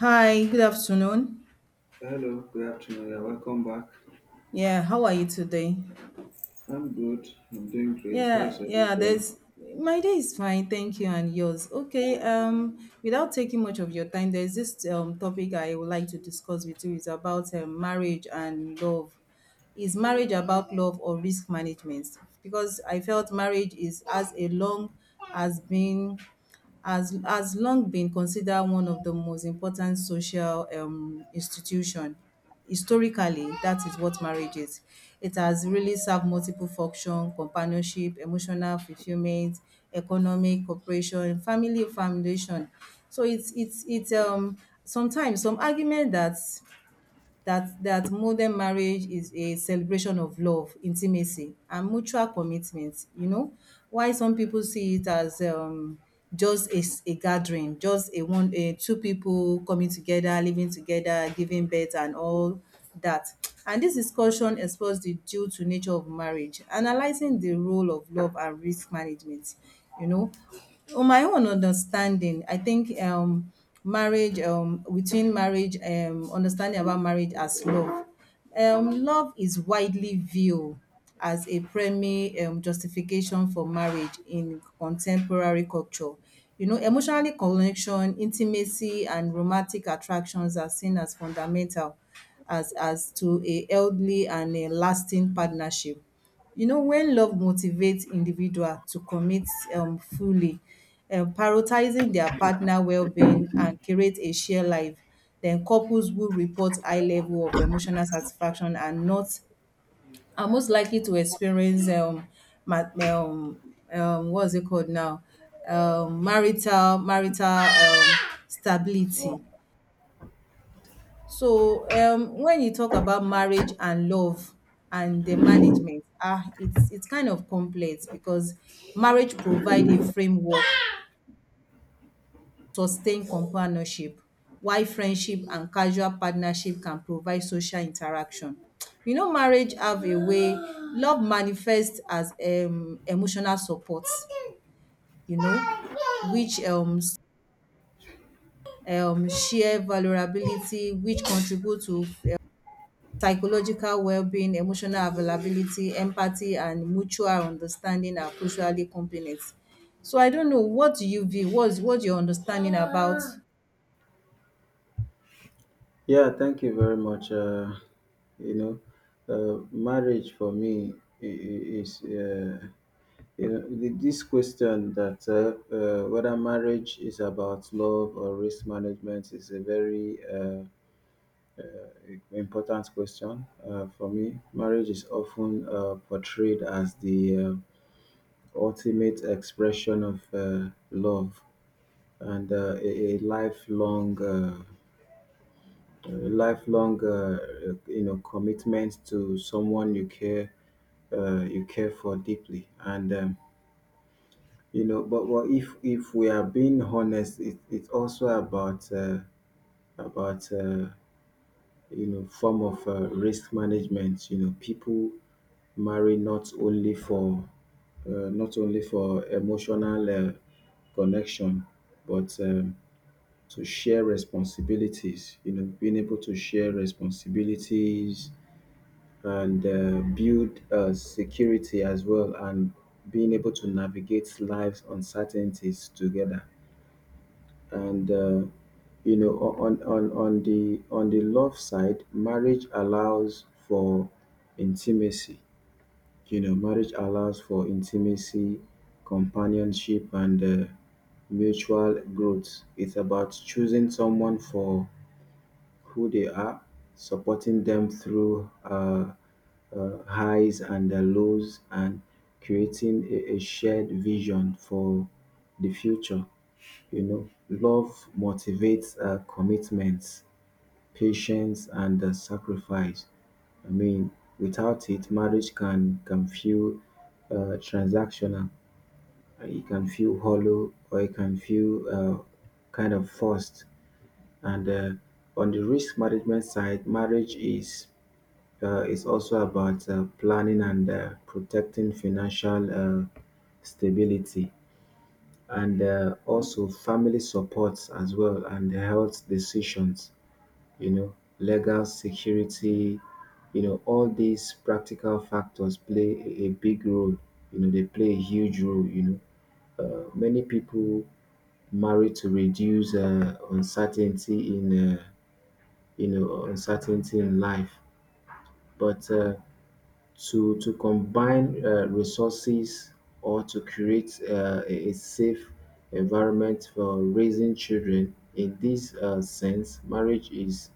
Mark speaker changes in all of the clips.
Speaker 1: Hi, good afternoon.
Speaker 2: Hello, good afternoon. Yeah, welcome back.
Speaker 1: Yeah, how are you today?
Speaker 2: I'm good. I'm doing great. How's
Speaker 1: Yeah,
Speaker 2: your day
Speaker 1: yeah,
Speaker 2: going?
Speaker 1: there's My day is fine, thank you, and yours. Okay, Without taking much of your time, there's this topic I would like to discuss with you. It's about marriage and love. Is marriage about love or risk management? Because I felt marriage is as a long as being as long been considered one of the most important social institution. Historically, that is what marriage is. It has really served multiple function: companionship, emotional fulfillment, economic cooperation, family foundation. So it's sometimes some argument that modern marriage is a celebration of love, intimacy, and mutual commitment. Why some people see it as just a gathering, just a one, a two people coming together, living together, giving birth, and all that. And this discussion explores the due to nature of marriage, analyzing the role of love and risk management. You know, on my own understanding, I think marriage within marriage understanding about marriage as love love is widely viewed as a primary justification for marriage in contemporary culture. You know, emotionally connection, intimacy, and romantic attractions are seen as fundamental as to a healthy and a lasting partnership. You know, when love motivates individual to commit fully, prioritizing their partner well-being and create a shared life, then couples who report high level of emotional satisfaction are not are most likely to experience ma- um, what's it called now? Marital marital stability. So, when you talk about marriage and love and the management, it's kind of complex because marriage provide a framework, sustain companionship, while friendship and casual partnership can provide social interaction. You know, marriage have a way love manifests as emotional support, you know, which share vulnerability, which contribute to psychological well-being. Emotional availability, empathy, and mutual understanding are crucially complements. So I don't know what do you view? What's your understanding about?
Speaker 2: Yeah, thank you very much. You know, marriage for me I- is, you know, th- this question that whether marriage is about love or risk management is a very important question for me. Marriage is often portrayed as the ultimate expression of love and a lifelong you know commitment to someone you care for deeply and you know but well, if we are being honest, it's also about about uh, form of risk management. You know, people marry not only for emotional connection, but to share responsibilities. You know, being able to share responsibilities and build security as well, and being able to navigate life's uncertainties together. And You know, on the love side, marriage allows for intimacy. You know, marriage allows for intimacy, companionship, and mutual growth. It's about choosing someone for who they are, supporting them through highs and the lows, and creating a shared vision for the future. You know, love motivates commitments, patience, and sacrifice. I mean, without it, marriage can feel transactional. It can feel hollow, or it can feel kind of forced. And On the risk management side, marriage is also about planning and protecting financial stability, and also family supports as well, and the health decisions. You know, legal security. You know, all these practical factors play a big role. You know, they play a huge role. You know, many people marry to reduce uncertainty in. You know, uncertainty in life. But to combine resources or to create a safe environment for raising children. In this sense, marriage is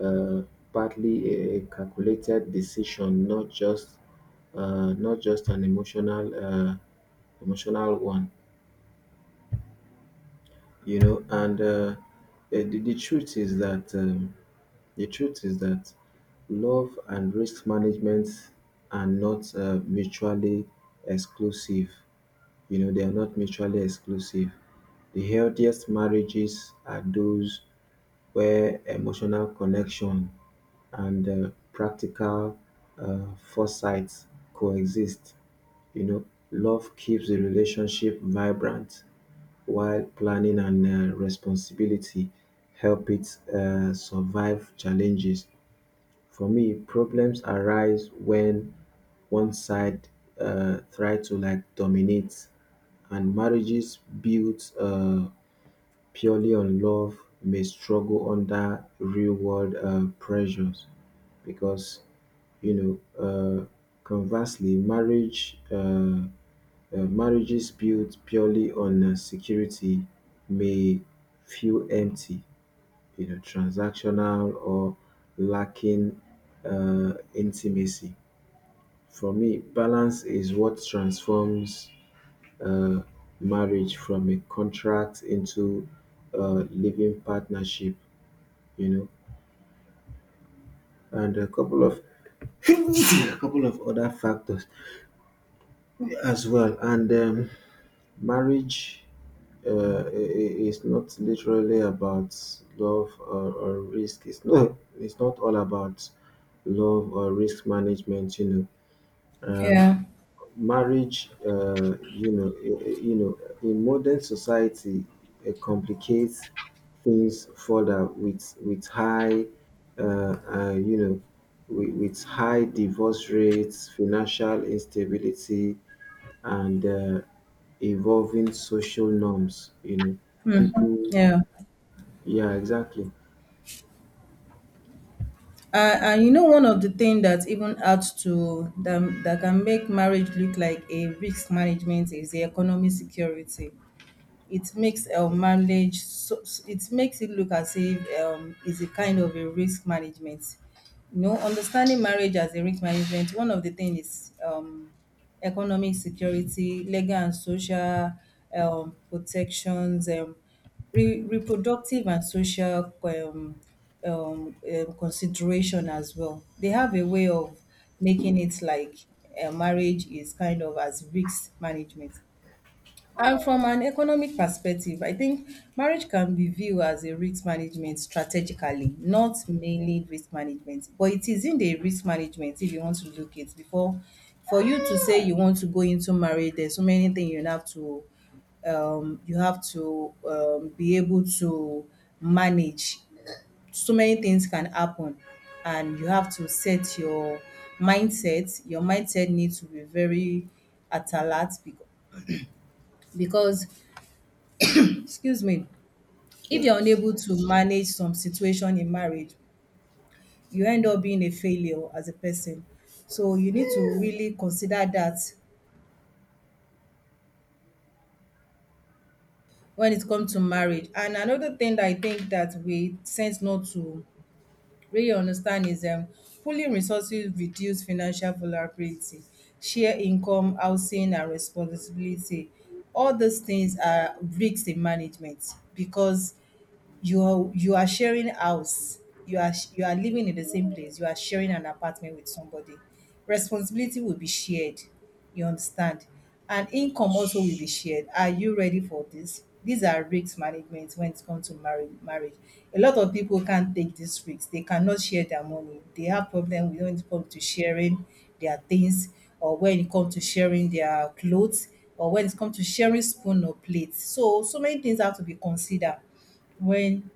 Speaker 2: uh, partly a calculated decision, not just an emotional one, you know. And the truth is that. The truth is that love and risk management are not mutually exclusive. You know, they are not mutually exclusive. The healthiest marriages are those where emotional connection and practical uh, foresight coexist. You know, love keeps the relationship vibrant, while planning and responsibility help it survive challenges. For me, problems arise when one side try to like dominate, and marriages built purely on love may struggle under real world pressures because you know. Uh, conversely, marriages built purely on security may feel empty, you know, transactional or lacking intimacy. For me, balance is what transforms uh, marriage from a contract into a living partnership, you know, and a couple of a couple of other factors as well. And Marriage uh, i- is not literally about love or risk. It's not. It's not all about love or risk management. Know, um,
Speaker 1: Yeah,
Speaker 2: Marriage, you know, in modern society it complicates things further with high you know, with high divorce rates, financial instability, and evolving social norms. You know, people,
Speaker 1: yeah.
Speaker 2: yeah, exactly.
Speaker 1: And you know, one of the things that even adds to them that can make marriage look like a risk management is the economic security. It makes marriage it makes it look as if it's a kind of a risk management. You know, understanding marriage as a risk management, one of the things is economic security, legal and social protections, reproductive and social consideration as well. They have a way of making it like marriage is kind of as risk management. And from an economic perspective, I think marriage can be viewed as a risk management strategically, not mainly risk management, but it is isn't a risk management. If you want to look it before, for you to say you want to go into marriage, there's so many things you have to be able to manage. So many things can happen and you have to set your mindset. Your mindset needs to be very alert, because because excuse me, if
Speaker 2: Yeah.
Speaker 1: you're unable to manage some situation in marriage, you end up being a failure as a person. So you need to really consider that when it comes to marriage. And another thing that I think that we tend not to really understand is pooling resources reduce financial vulnerability, share income, housing, and responsibility. All those things are risks in management, because you are sharing house, you are you are living in the same place, you are sharing an apartment with somebody. Responsibility will be shared, you understand, and income also will be shared. Are you ready for this? These are risk management when it comes to marriage. A lot of people can't take these risks. They cannot share their money. They have problem with when it comes to sharing their things, or when it comes to sharing their clothes, or when it comes to sharing spoon or plate. So so many things have to be considered when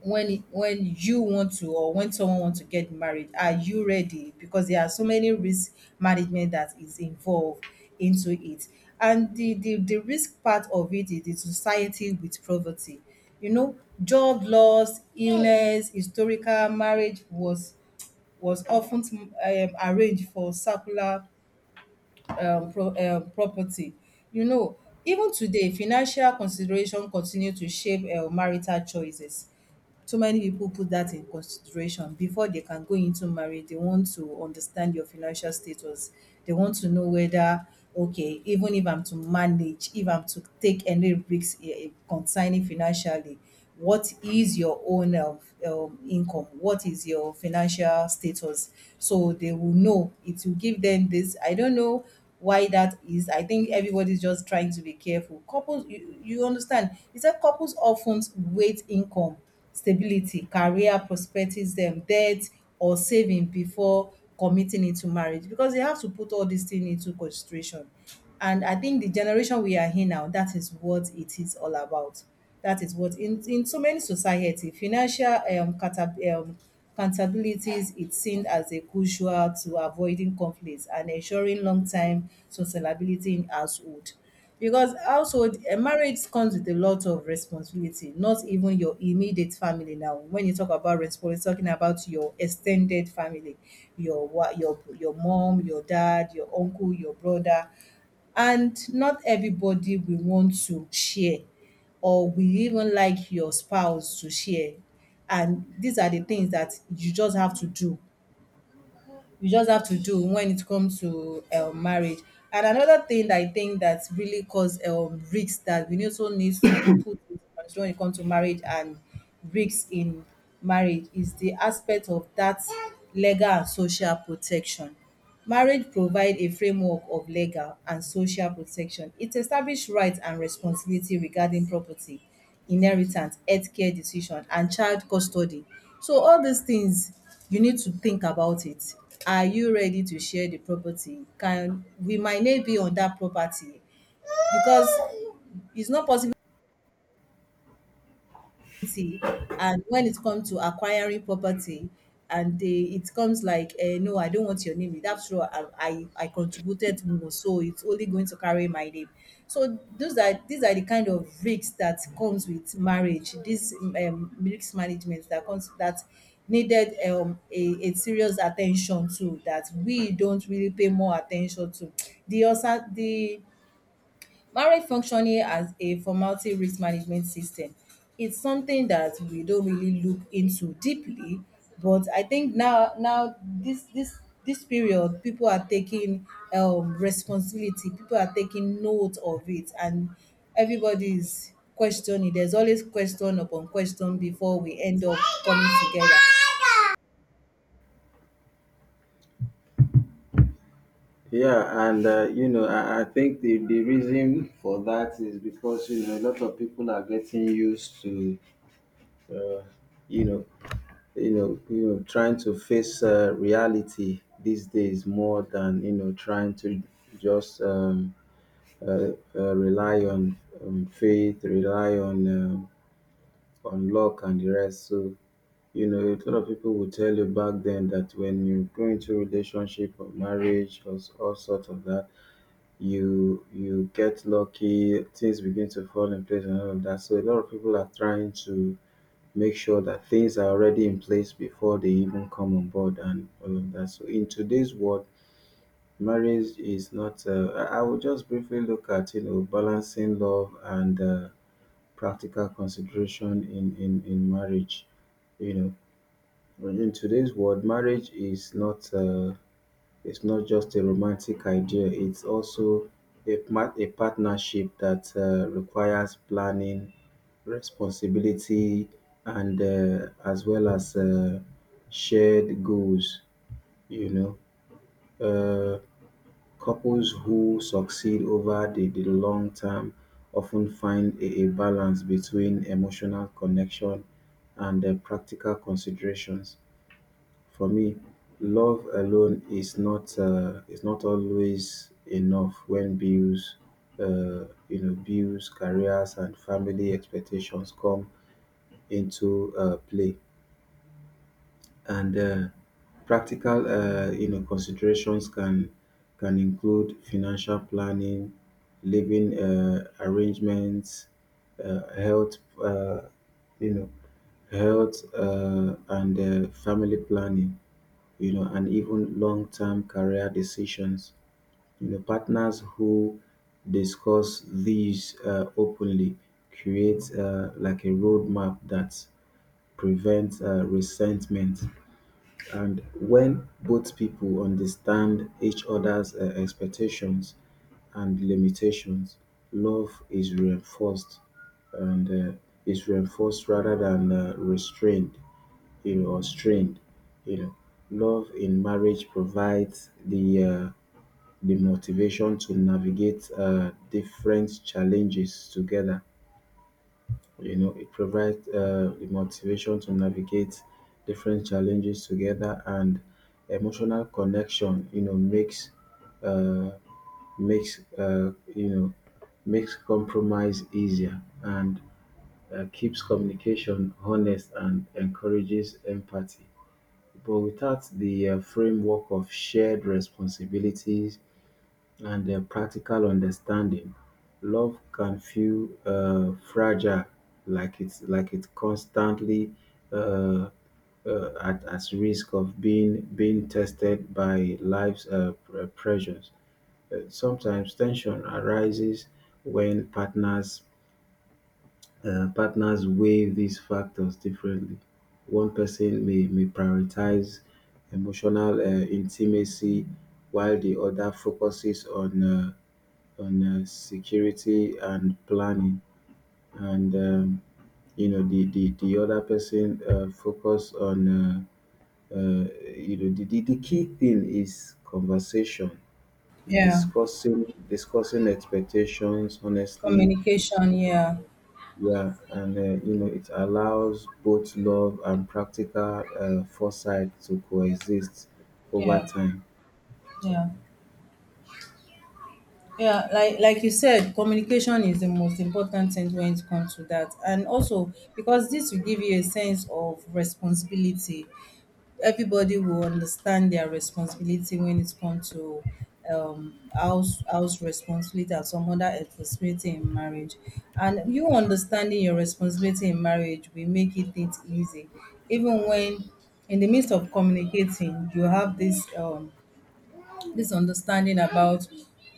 Speaker 1: you want to, or when someone wants to get married. Are you ready? Because there are so many risk management that is involved into it. And the risk part of it is the society with poverty, you know, job loss, illness. Historical marriage was often arranged for circular property. You know, even today financial consideration continue to shape marital choices. Too many people put that in consideration before they can go into marriage. They want to understand your financial status. They want to know whether, okay, even if I'm to manage, if I'm to take any risks concerning financially, what is your own income? What is your financial status? So they will know. It will give them this. I don't know why that is. I think everybody's just trying to be careful. Couples, you understand, he said couples often wait income, stability, career prospectives, them debt or saving before committing into marriage, because they have to put all these things into consideration. And I think the generation we are in now, that is what it is all about. That is what in, so many society, financial accountabilities it's seen as a crucial to avoiding conflicts and ensuring long-term sustainability in household. Because household, a marriage comes with a lot of responsibility, not even your immediate family now. When you talk about responsibility, talking about your extended family, your mom, your dad, your uncle, your brother. And not everybody will want to share, or will even like your spouse to share. And these are the things that you just have to do. You just have to do when it comes to marriage. And another thing that I think that really cause risks that we also need to put into consideration when it comes to marriage and risks in marriage is the aspect of that legal and social protection. Marriage provides a framework of legal and social protection. It establishes rights and responsibility regarding property, inheritance, healthcare decision, and child custody. So all these things you need to think about it. Are you ready to share the property? Can we might name be on that property? Because it's not possible. And when it comes to acquiring property, and they it comes like, no, I don't want your name. That's true. I contributed more, so it's only going to carry my name. So those are these are the kind of risks that comes with marriage. This risk management that comes that needed a serious attention to that we don't really pay more attention to. The also the marriage functioning as a formality risk management system, it's something that we don't really look into deeply, but I think now this period people are taking responsibility, people are taking note of it, and everybody is questioning. There's always question upon question before we end up coming together.
Speaker 2: Yeah, and you know, I think the reason for that is because you know a lot of people are getting used to Uh, you know, you know, trying to face reality these days, more than you know trying to just rely on faith, rely on luck and the rest. So you know, a lot of people will tell you back then that when you go into relationship or marriage or all sorts of that, you get lucky, things begin to fall in place and all of that. So a lot of people are trying to make sure that things are already in place before they even come on board and all of that. So in today's world, marriage is not. I will just briefly look at you know balancing love and practical consideration in marriage. You know, But in today's world, marriage is not. It's not just a romantic idea. It's also a partnership that requires planning, responsibility, and as well as shared goals, you know. uh, Couples who succeed over the long term often find a balance between emotional connection and practical considerations. For me, love alone is not always enough when bills, you know, bills, careers, and family expectations come into play. And practical, you know, considerations can include financial planning, living arrangements, uh, health, uh, you know, health, and family planning, you know, and even long-term career decisions. You know, partners who discuss these openly create like a roadmap that prevents resentment. And when both people understand each other's expectations and limitations, love is reinforced, and uh, rather than restrained, you know, or strained, you know. Love in marriage provides the motivation to navigate different challenges together. You know, it provides the motivation to navigate different challenges together, and emotional connection, you know, makes uh, makes uh, you know makes compromise easier, and keeps communication honest, and encourages empathy. But without the framework of shared responsibilities and their practical understanding, love can feel fragile, like it's constantly uh, at risk of being tested by life's pressures. Sometimes tension arises when partners weigh these factors differently. One person may prioritize emotional intimacy, while the other focuses on security and planning, and you know the other person focus on uh, you know the key thing is conversation,
Speaker 1: Yeah.
Speaker 2: discussing expectations honestly.
Speaker 1: Communication, yeah.
Speaker 2: Yeah, and you know it allows both love and practical foresight to coexist over
Speaker 1: Yeah.
Speaker 2: time.
Speaker 1: Yeah. Yeah, like you said, communication is the most important thing when it comes to that. And also because this will give you a sense of responsibility. Everybody will understand their responsibility when it comes to house responsibility and some other responsibility in marriage. And you understanding your responsibility in marriage will make it easy. Even when in the midst of communicating, you have this understanding about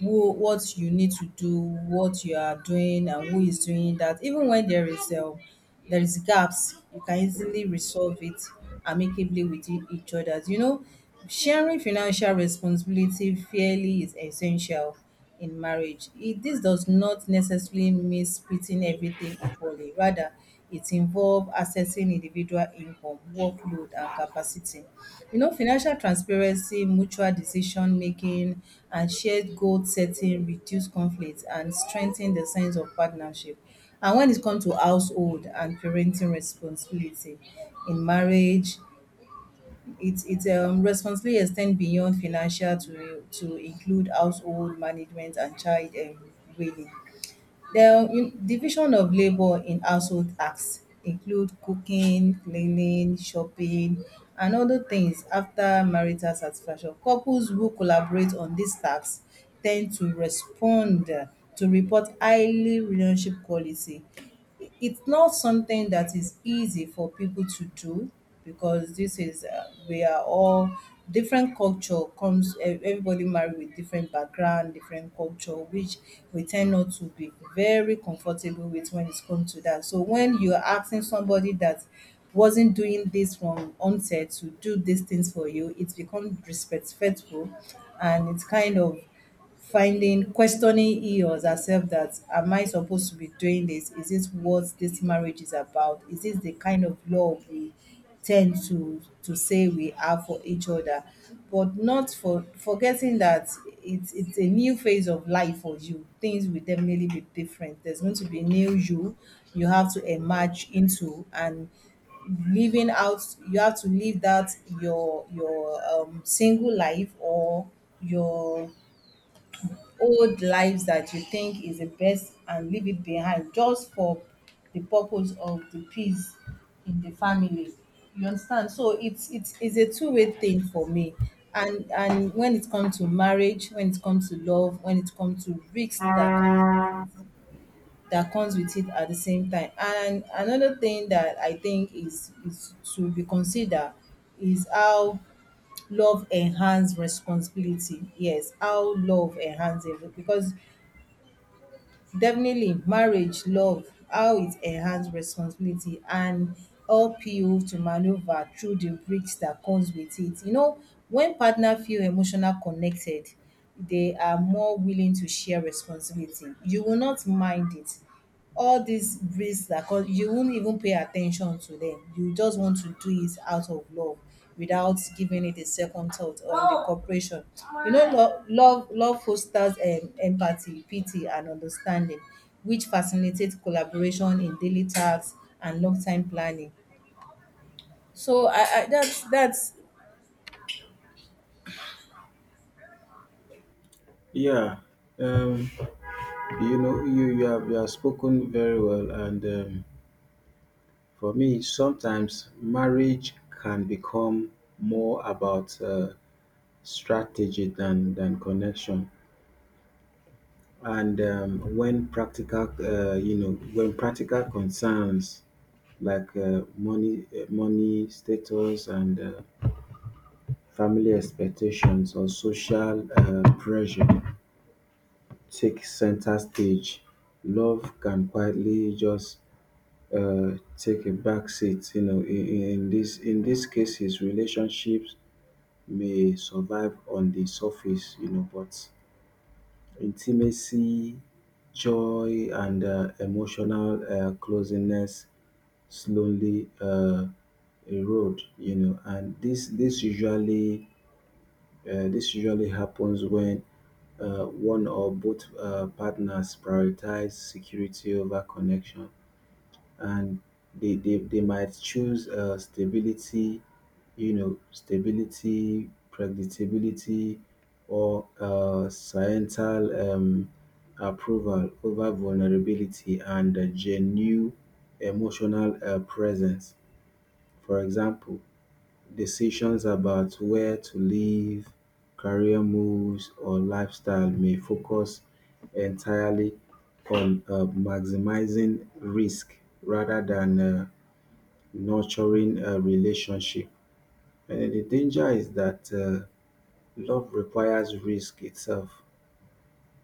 Speaker 1: who what you need to do, what you are doing, and who is doing that. Even when there is gaps, you can easily resolve it amicably with each other. You know, sharing financial responsibility fairly is essential in marriage. This does not necessarily mean splitting everything equally. Rather, it involves assessing individual income, workload, and capacity. You know, financial transparency, mutual decision making, and shared goal setting reduce conflict and strengthen the sense of partnership. And when it comes to household and parenting responsibility in marriage, its responsibility extend beyond financial to include household management and child rearing. The division of labor in household acts include cooking, cleaning, shopping, and other things after marital satisfaction. Couples who collaborate on these tasks tend to report highly relationship quality. It's not something that is easy for people to do, because this is we are all different culture comes, everybody married with different background, different culture, which we tend not to be very comfortable with when it comes to that. So when you're asking somebody that wasn't doing this from onset to do these things for you, it becomes disrespectful, and it's kind of finding, questioning he or herself that, am I supposed to be doing this? Is this what this marriage is about? Is this the kind of love we tend to say we have for each other? But not for forgetting that it's a new phase of life for you. Things will definitely be different. There's going to be new you you have to emerge into and living out. You have to live that, your single life, or your old lives that you think is the best, and leave it behind just for the purpose of the peace in the family. You understand? So it's a two-way thing for me. And when it comes to marriage, when it comes to love, when it comes to risks that comes with it at the same time. And another thing that I think is to be considered is how love enhance responsibility. Yes, how love enhances it, because definitely marriage, love, how it enhances responsibility and help you to maneuver through the risk that comes with it. You know, when partner feel emotional connected, they are more willing to share responsibility. You will not mind it, all these breeds that cause, you won't even pay attention to them. You just want to do it out of love without giving it a second thought or the cooperation. You know, love fosters empathy, pity, and understanding, which facilitates collaboration in daily tasks and long time planning. So I that's.
Speaker 2: Yeah, um, you know you have spoken very well and. For me, sometimes marriage can become more about strategy than connection. And When practical, when practical concerns like money status, and family expectations or social pressure take center stage, love can quietly just uh, take a back seat. You know, in these cases, relationships may survive on the surface, you know, but intimacy, joy, and emotional closeness slowly erode, you know. And this usually happens when one or both partners prioritize security over connection, and they might choose stability, you know, stability, predictability, or societal approval over vulnerability and a genuine emotional presence. For example, decisions about where to live, career moves, or lifestyle may focus entirely on maximizing risk rather than nurturing a relationship. And then the danger is that love requires risk itself,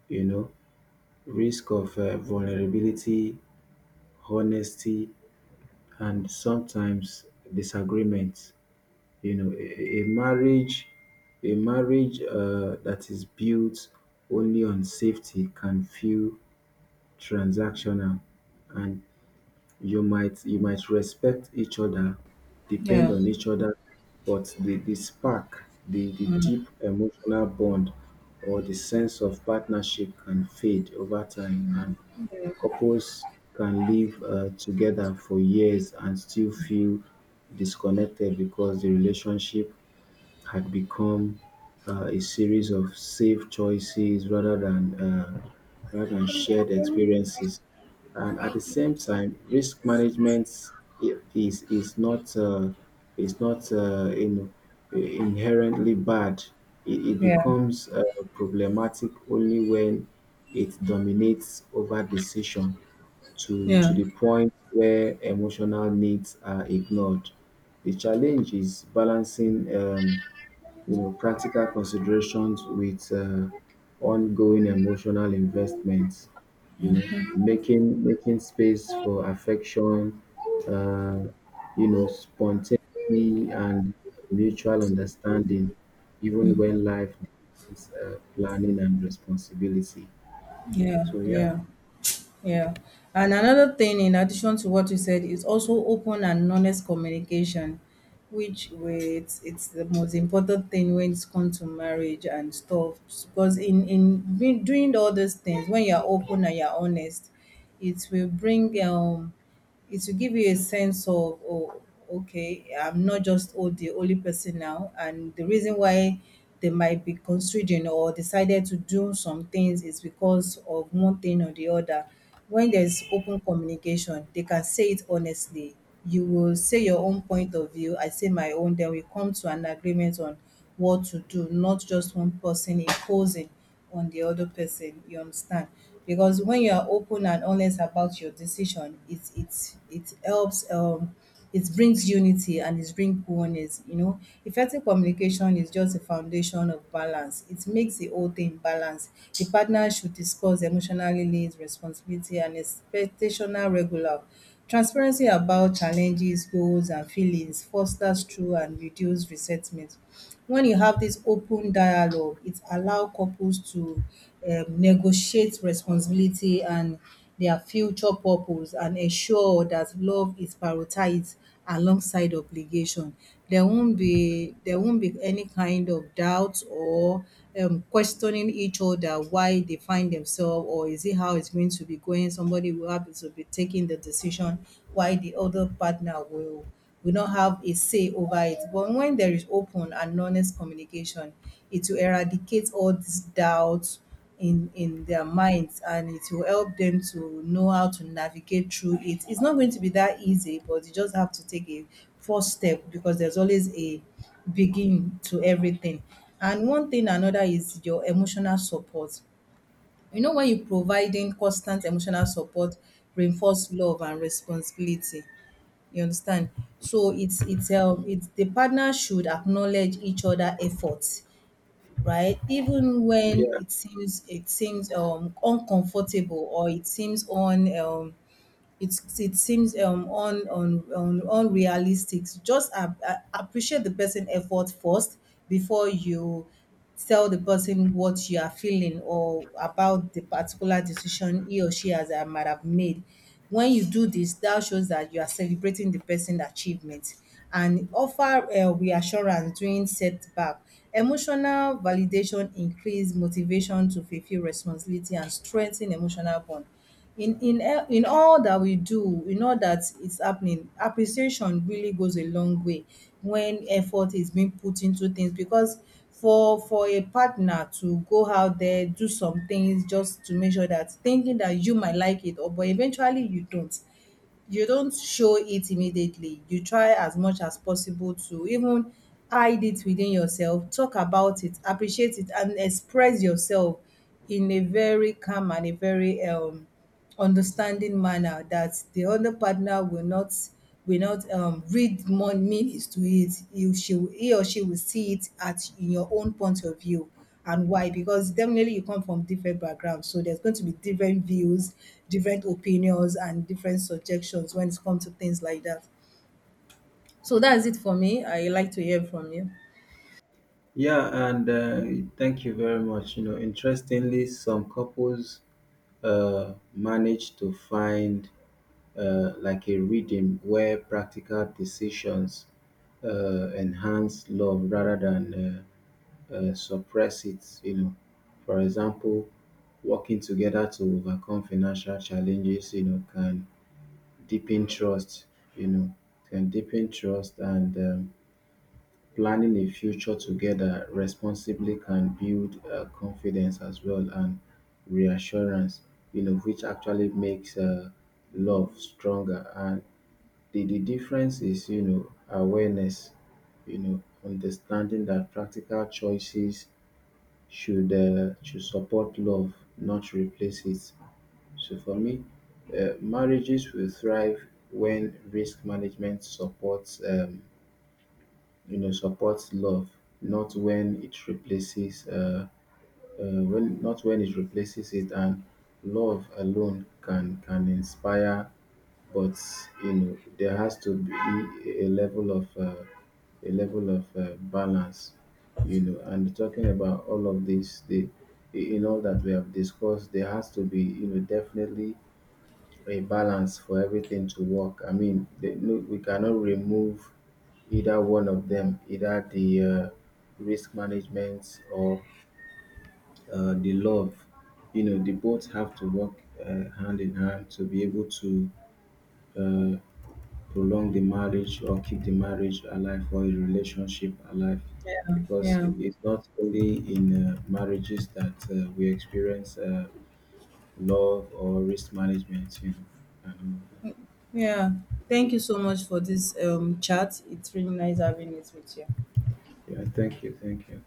Speaker 2: you know, risk of vulnerability, honesty, and sometimes disagreement. You know, a marriage that is built only on safety can feel transactional, and you might respect each other, depend
Speaker 1: Yeah,
Speaker 2: on each other, but the spark, the deep emotional bond or the sense of partnership can fade over time, and couples can live together for years and still feel disconnected because the relationship had become a series of safe choices rather than shared experiences. And at the same time, risk management is not is not uh, in, inherently bad. It
Speaker 1: yeah,
Speaker 2: becomes problematic only when it dominates over decision to
Speaker 1: yeah,
Speaker 2: the point where emotional needs are ignored. The challenge is balancing. You know, practical considerations with ongoing emotional investments. You know, making space for affection, uh, you know, spontaneity and mutual understanding, even when life demands planning and responsibility.
Speaker 1: yeah, yeah. Yeah. And another thing, in addition to what you said, is also open and honest communication, which way it's the most important thing when it comes to marriage and stuff. Because in doing all these things, when you're open and you're honest, it will bring um it will give you a sense of, oh, okay, I'm not just, oh, the only person now, and the reason why they might be considering or decided to do some things is because of one thing or the other. When there's open communication, they can say it honestly. You will say your own point of view, I say my own, then we come to an agreement on what to do, not just one person imposing on the other person. You understand? Because when you are open and honest about your decision, it helps. It brings unity and it brings oneness. You know, effective communication is just a foundation of balance. It makes the whole thing balance. The partner should discuss emotional needs, responsibility, and expectation. Regular transparency about challenges, goals, and feelings fosters true and reduce resentment. When you have this open dialogue, it allow couples to negotiate responsibility and their future purpose, and ensure that love is prioritized alongside obligation. There won't be any kind of doubt or questioning each other why they find themselves, or is it how it's going to be going. Somebody will have to be taking the decision why the other partner will we not have a say over it. But when there is open and honest communication, it will eradicate all these doubts in their minds, and it will help them to know how to navigate through it. It's not going to be that easy, but you just have to take a first step, because there's always a begin to everything. And one thing another is your emotional support. You know, when you're providing constant emotional support, reinforce love and responsibility. You understand? So it's the partner should acknowledge each other efforts, right? Even when it seems uncomfortable, or it seems unrealistic, just appreciate the person effort first before you tell the person what you are feeling or about the particular decision he or she has might have made. When you do this, that shows that you are celebrating the person's achievement and offer reassurance during setback. Emotional validation increase motivation to fulfill responsibility and strengthen emotional bond. In all that we do, in all that is happening, appreciation really goes a long way when effort is being put into things. Because for a partner to go out there do some things just to make sure, that thinking that you might like it, or but eventually you don't, you don't show it immediately, you try as much as possible to even hide it within yourself, talk about it, appreciate it and express yourself in a very calm and a very understanding manner, that the other partner will not read more meanings to it. He or she will see it at in your own point of view. And why? Because definitely you come from different backgrounds, so there's going to be different views, different opinions, and different suggestions when it comes to things like that. So that's it for me. I like to hear from you.
Speaker 2: Yeah, and thank you very much. You know, interestingly, some couples manage to find like a rhythm where practical decisions enhance love rather than suppress it. You know, for example, working together to overcome financial challenges, you know, can deepen trust. You know, can deepen trust, and planning a future together responsibly can build confidence as well, and reassurance. You know, which actually makes love stronger. And the difference is, you know, awareness, you know, understanding that practical choices should support love, not replace it. So for me, marriages will thrive when risk management supports, supports love, not when it replaces, when not when it replaces it. And love alone can inspire, but you know, there has to be a level of balance, you know. And talking about all of this, the in all that we have discussed, there has to be, you know, definitely a balance for everything to work. I mean, no, we cannot remove either one of them, either the risk management or the love. You know, the both have to work hand in hand to be able to uh, prolong the marriage or keep the marriage alive or a relationship alive, because
Speaker 1: Yeah,
Speaker 2: it's not only in marriages that we experience love or risk management, you know. And, all of
Speaker 1: yeah. Thank you so much for this chat. It's really nice having it with you.
Speaker 2: that. Yeah, thank you, thank you.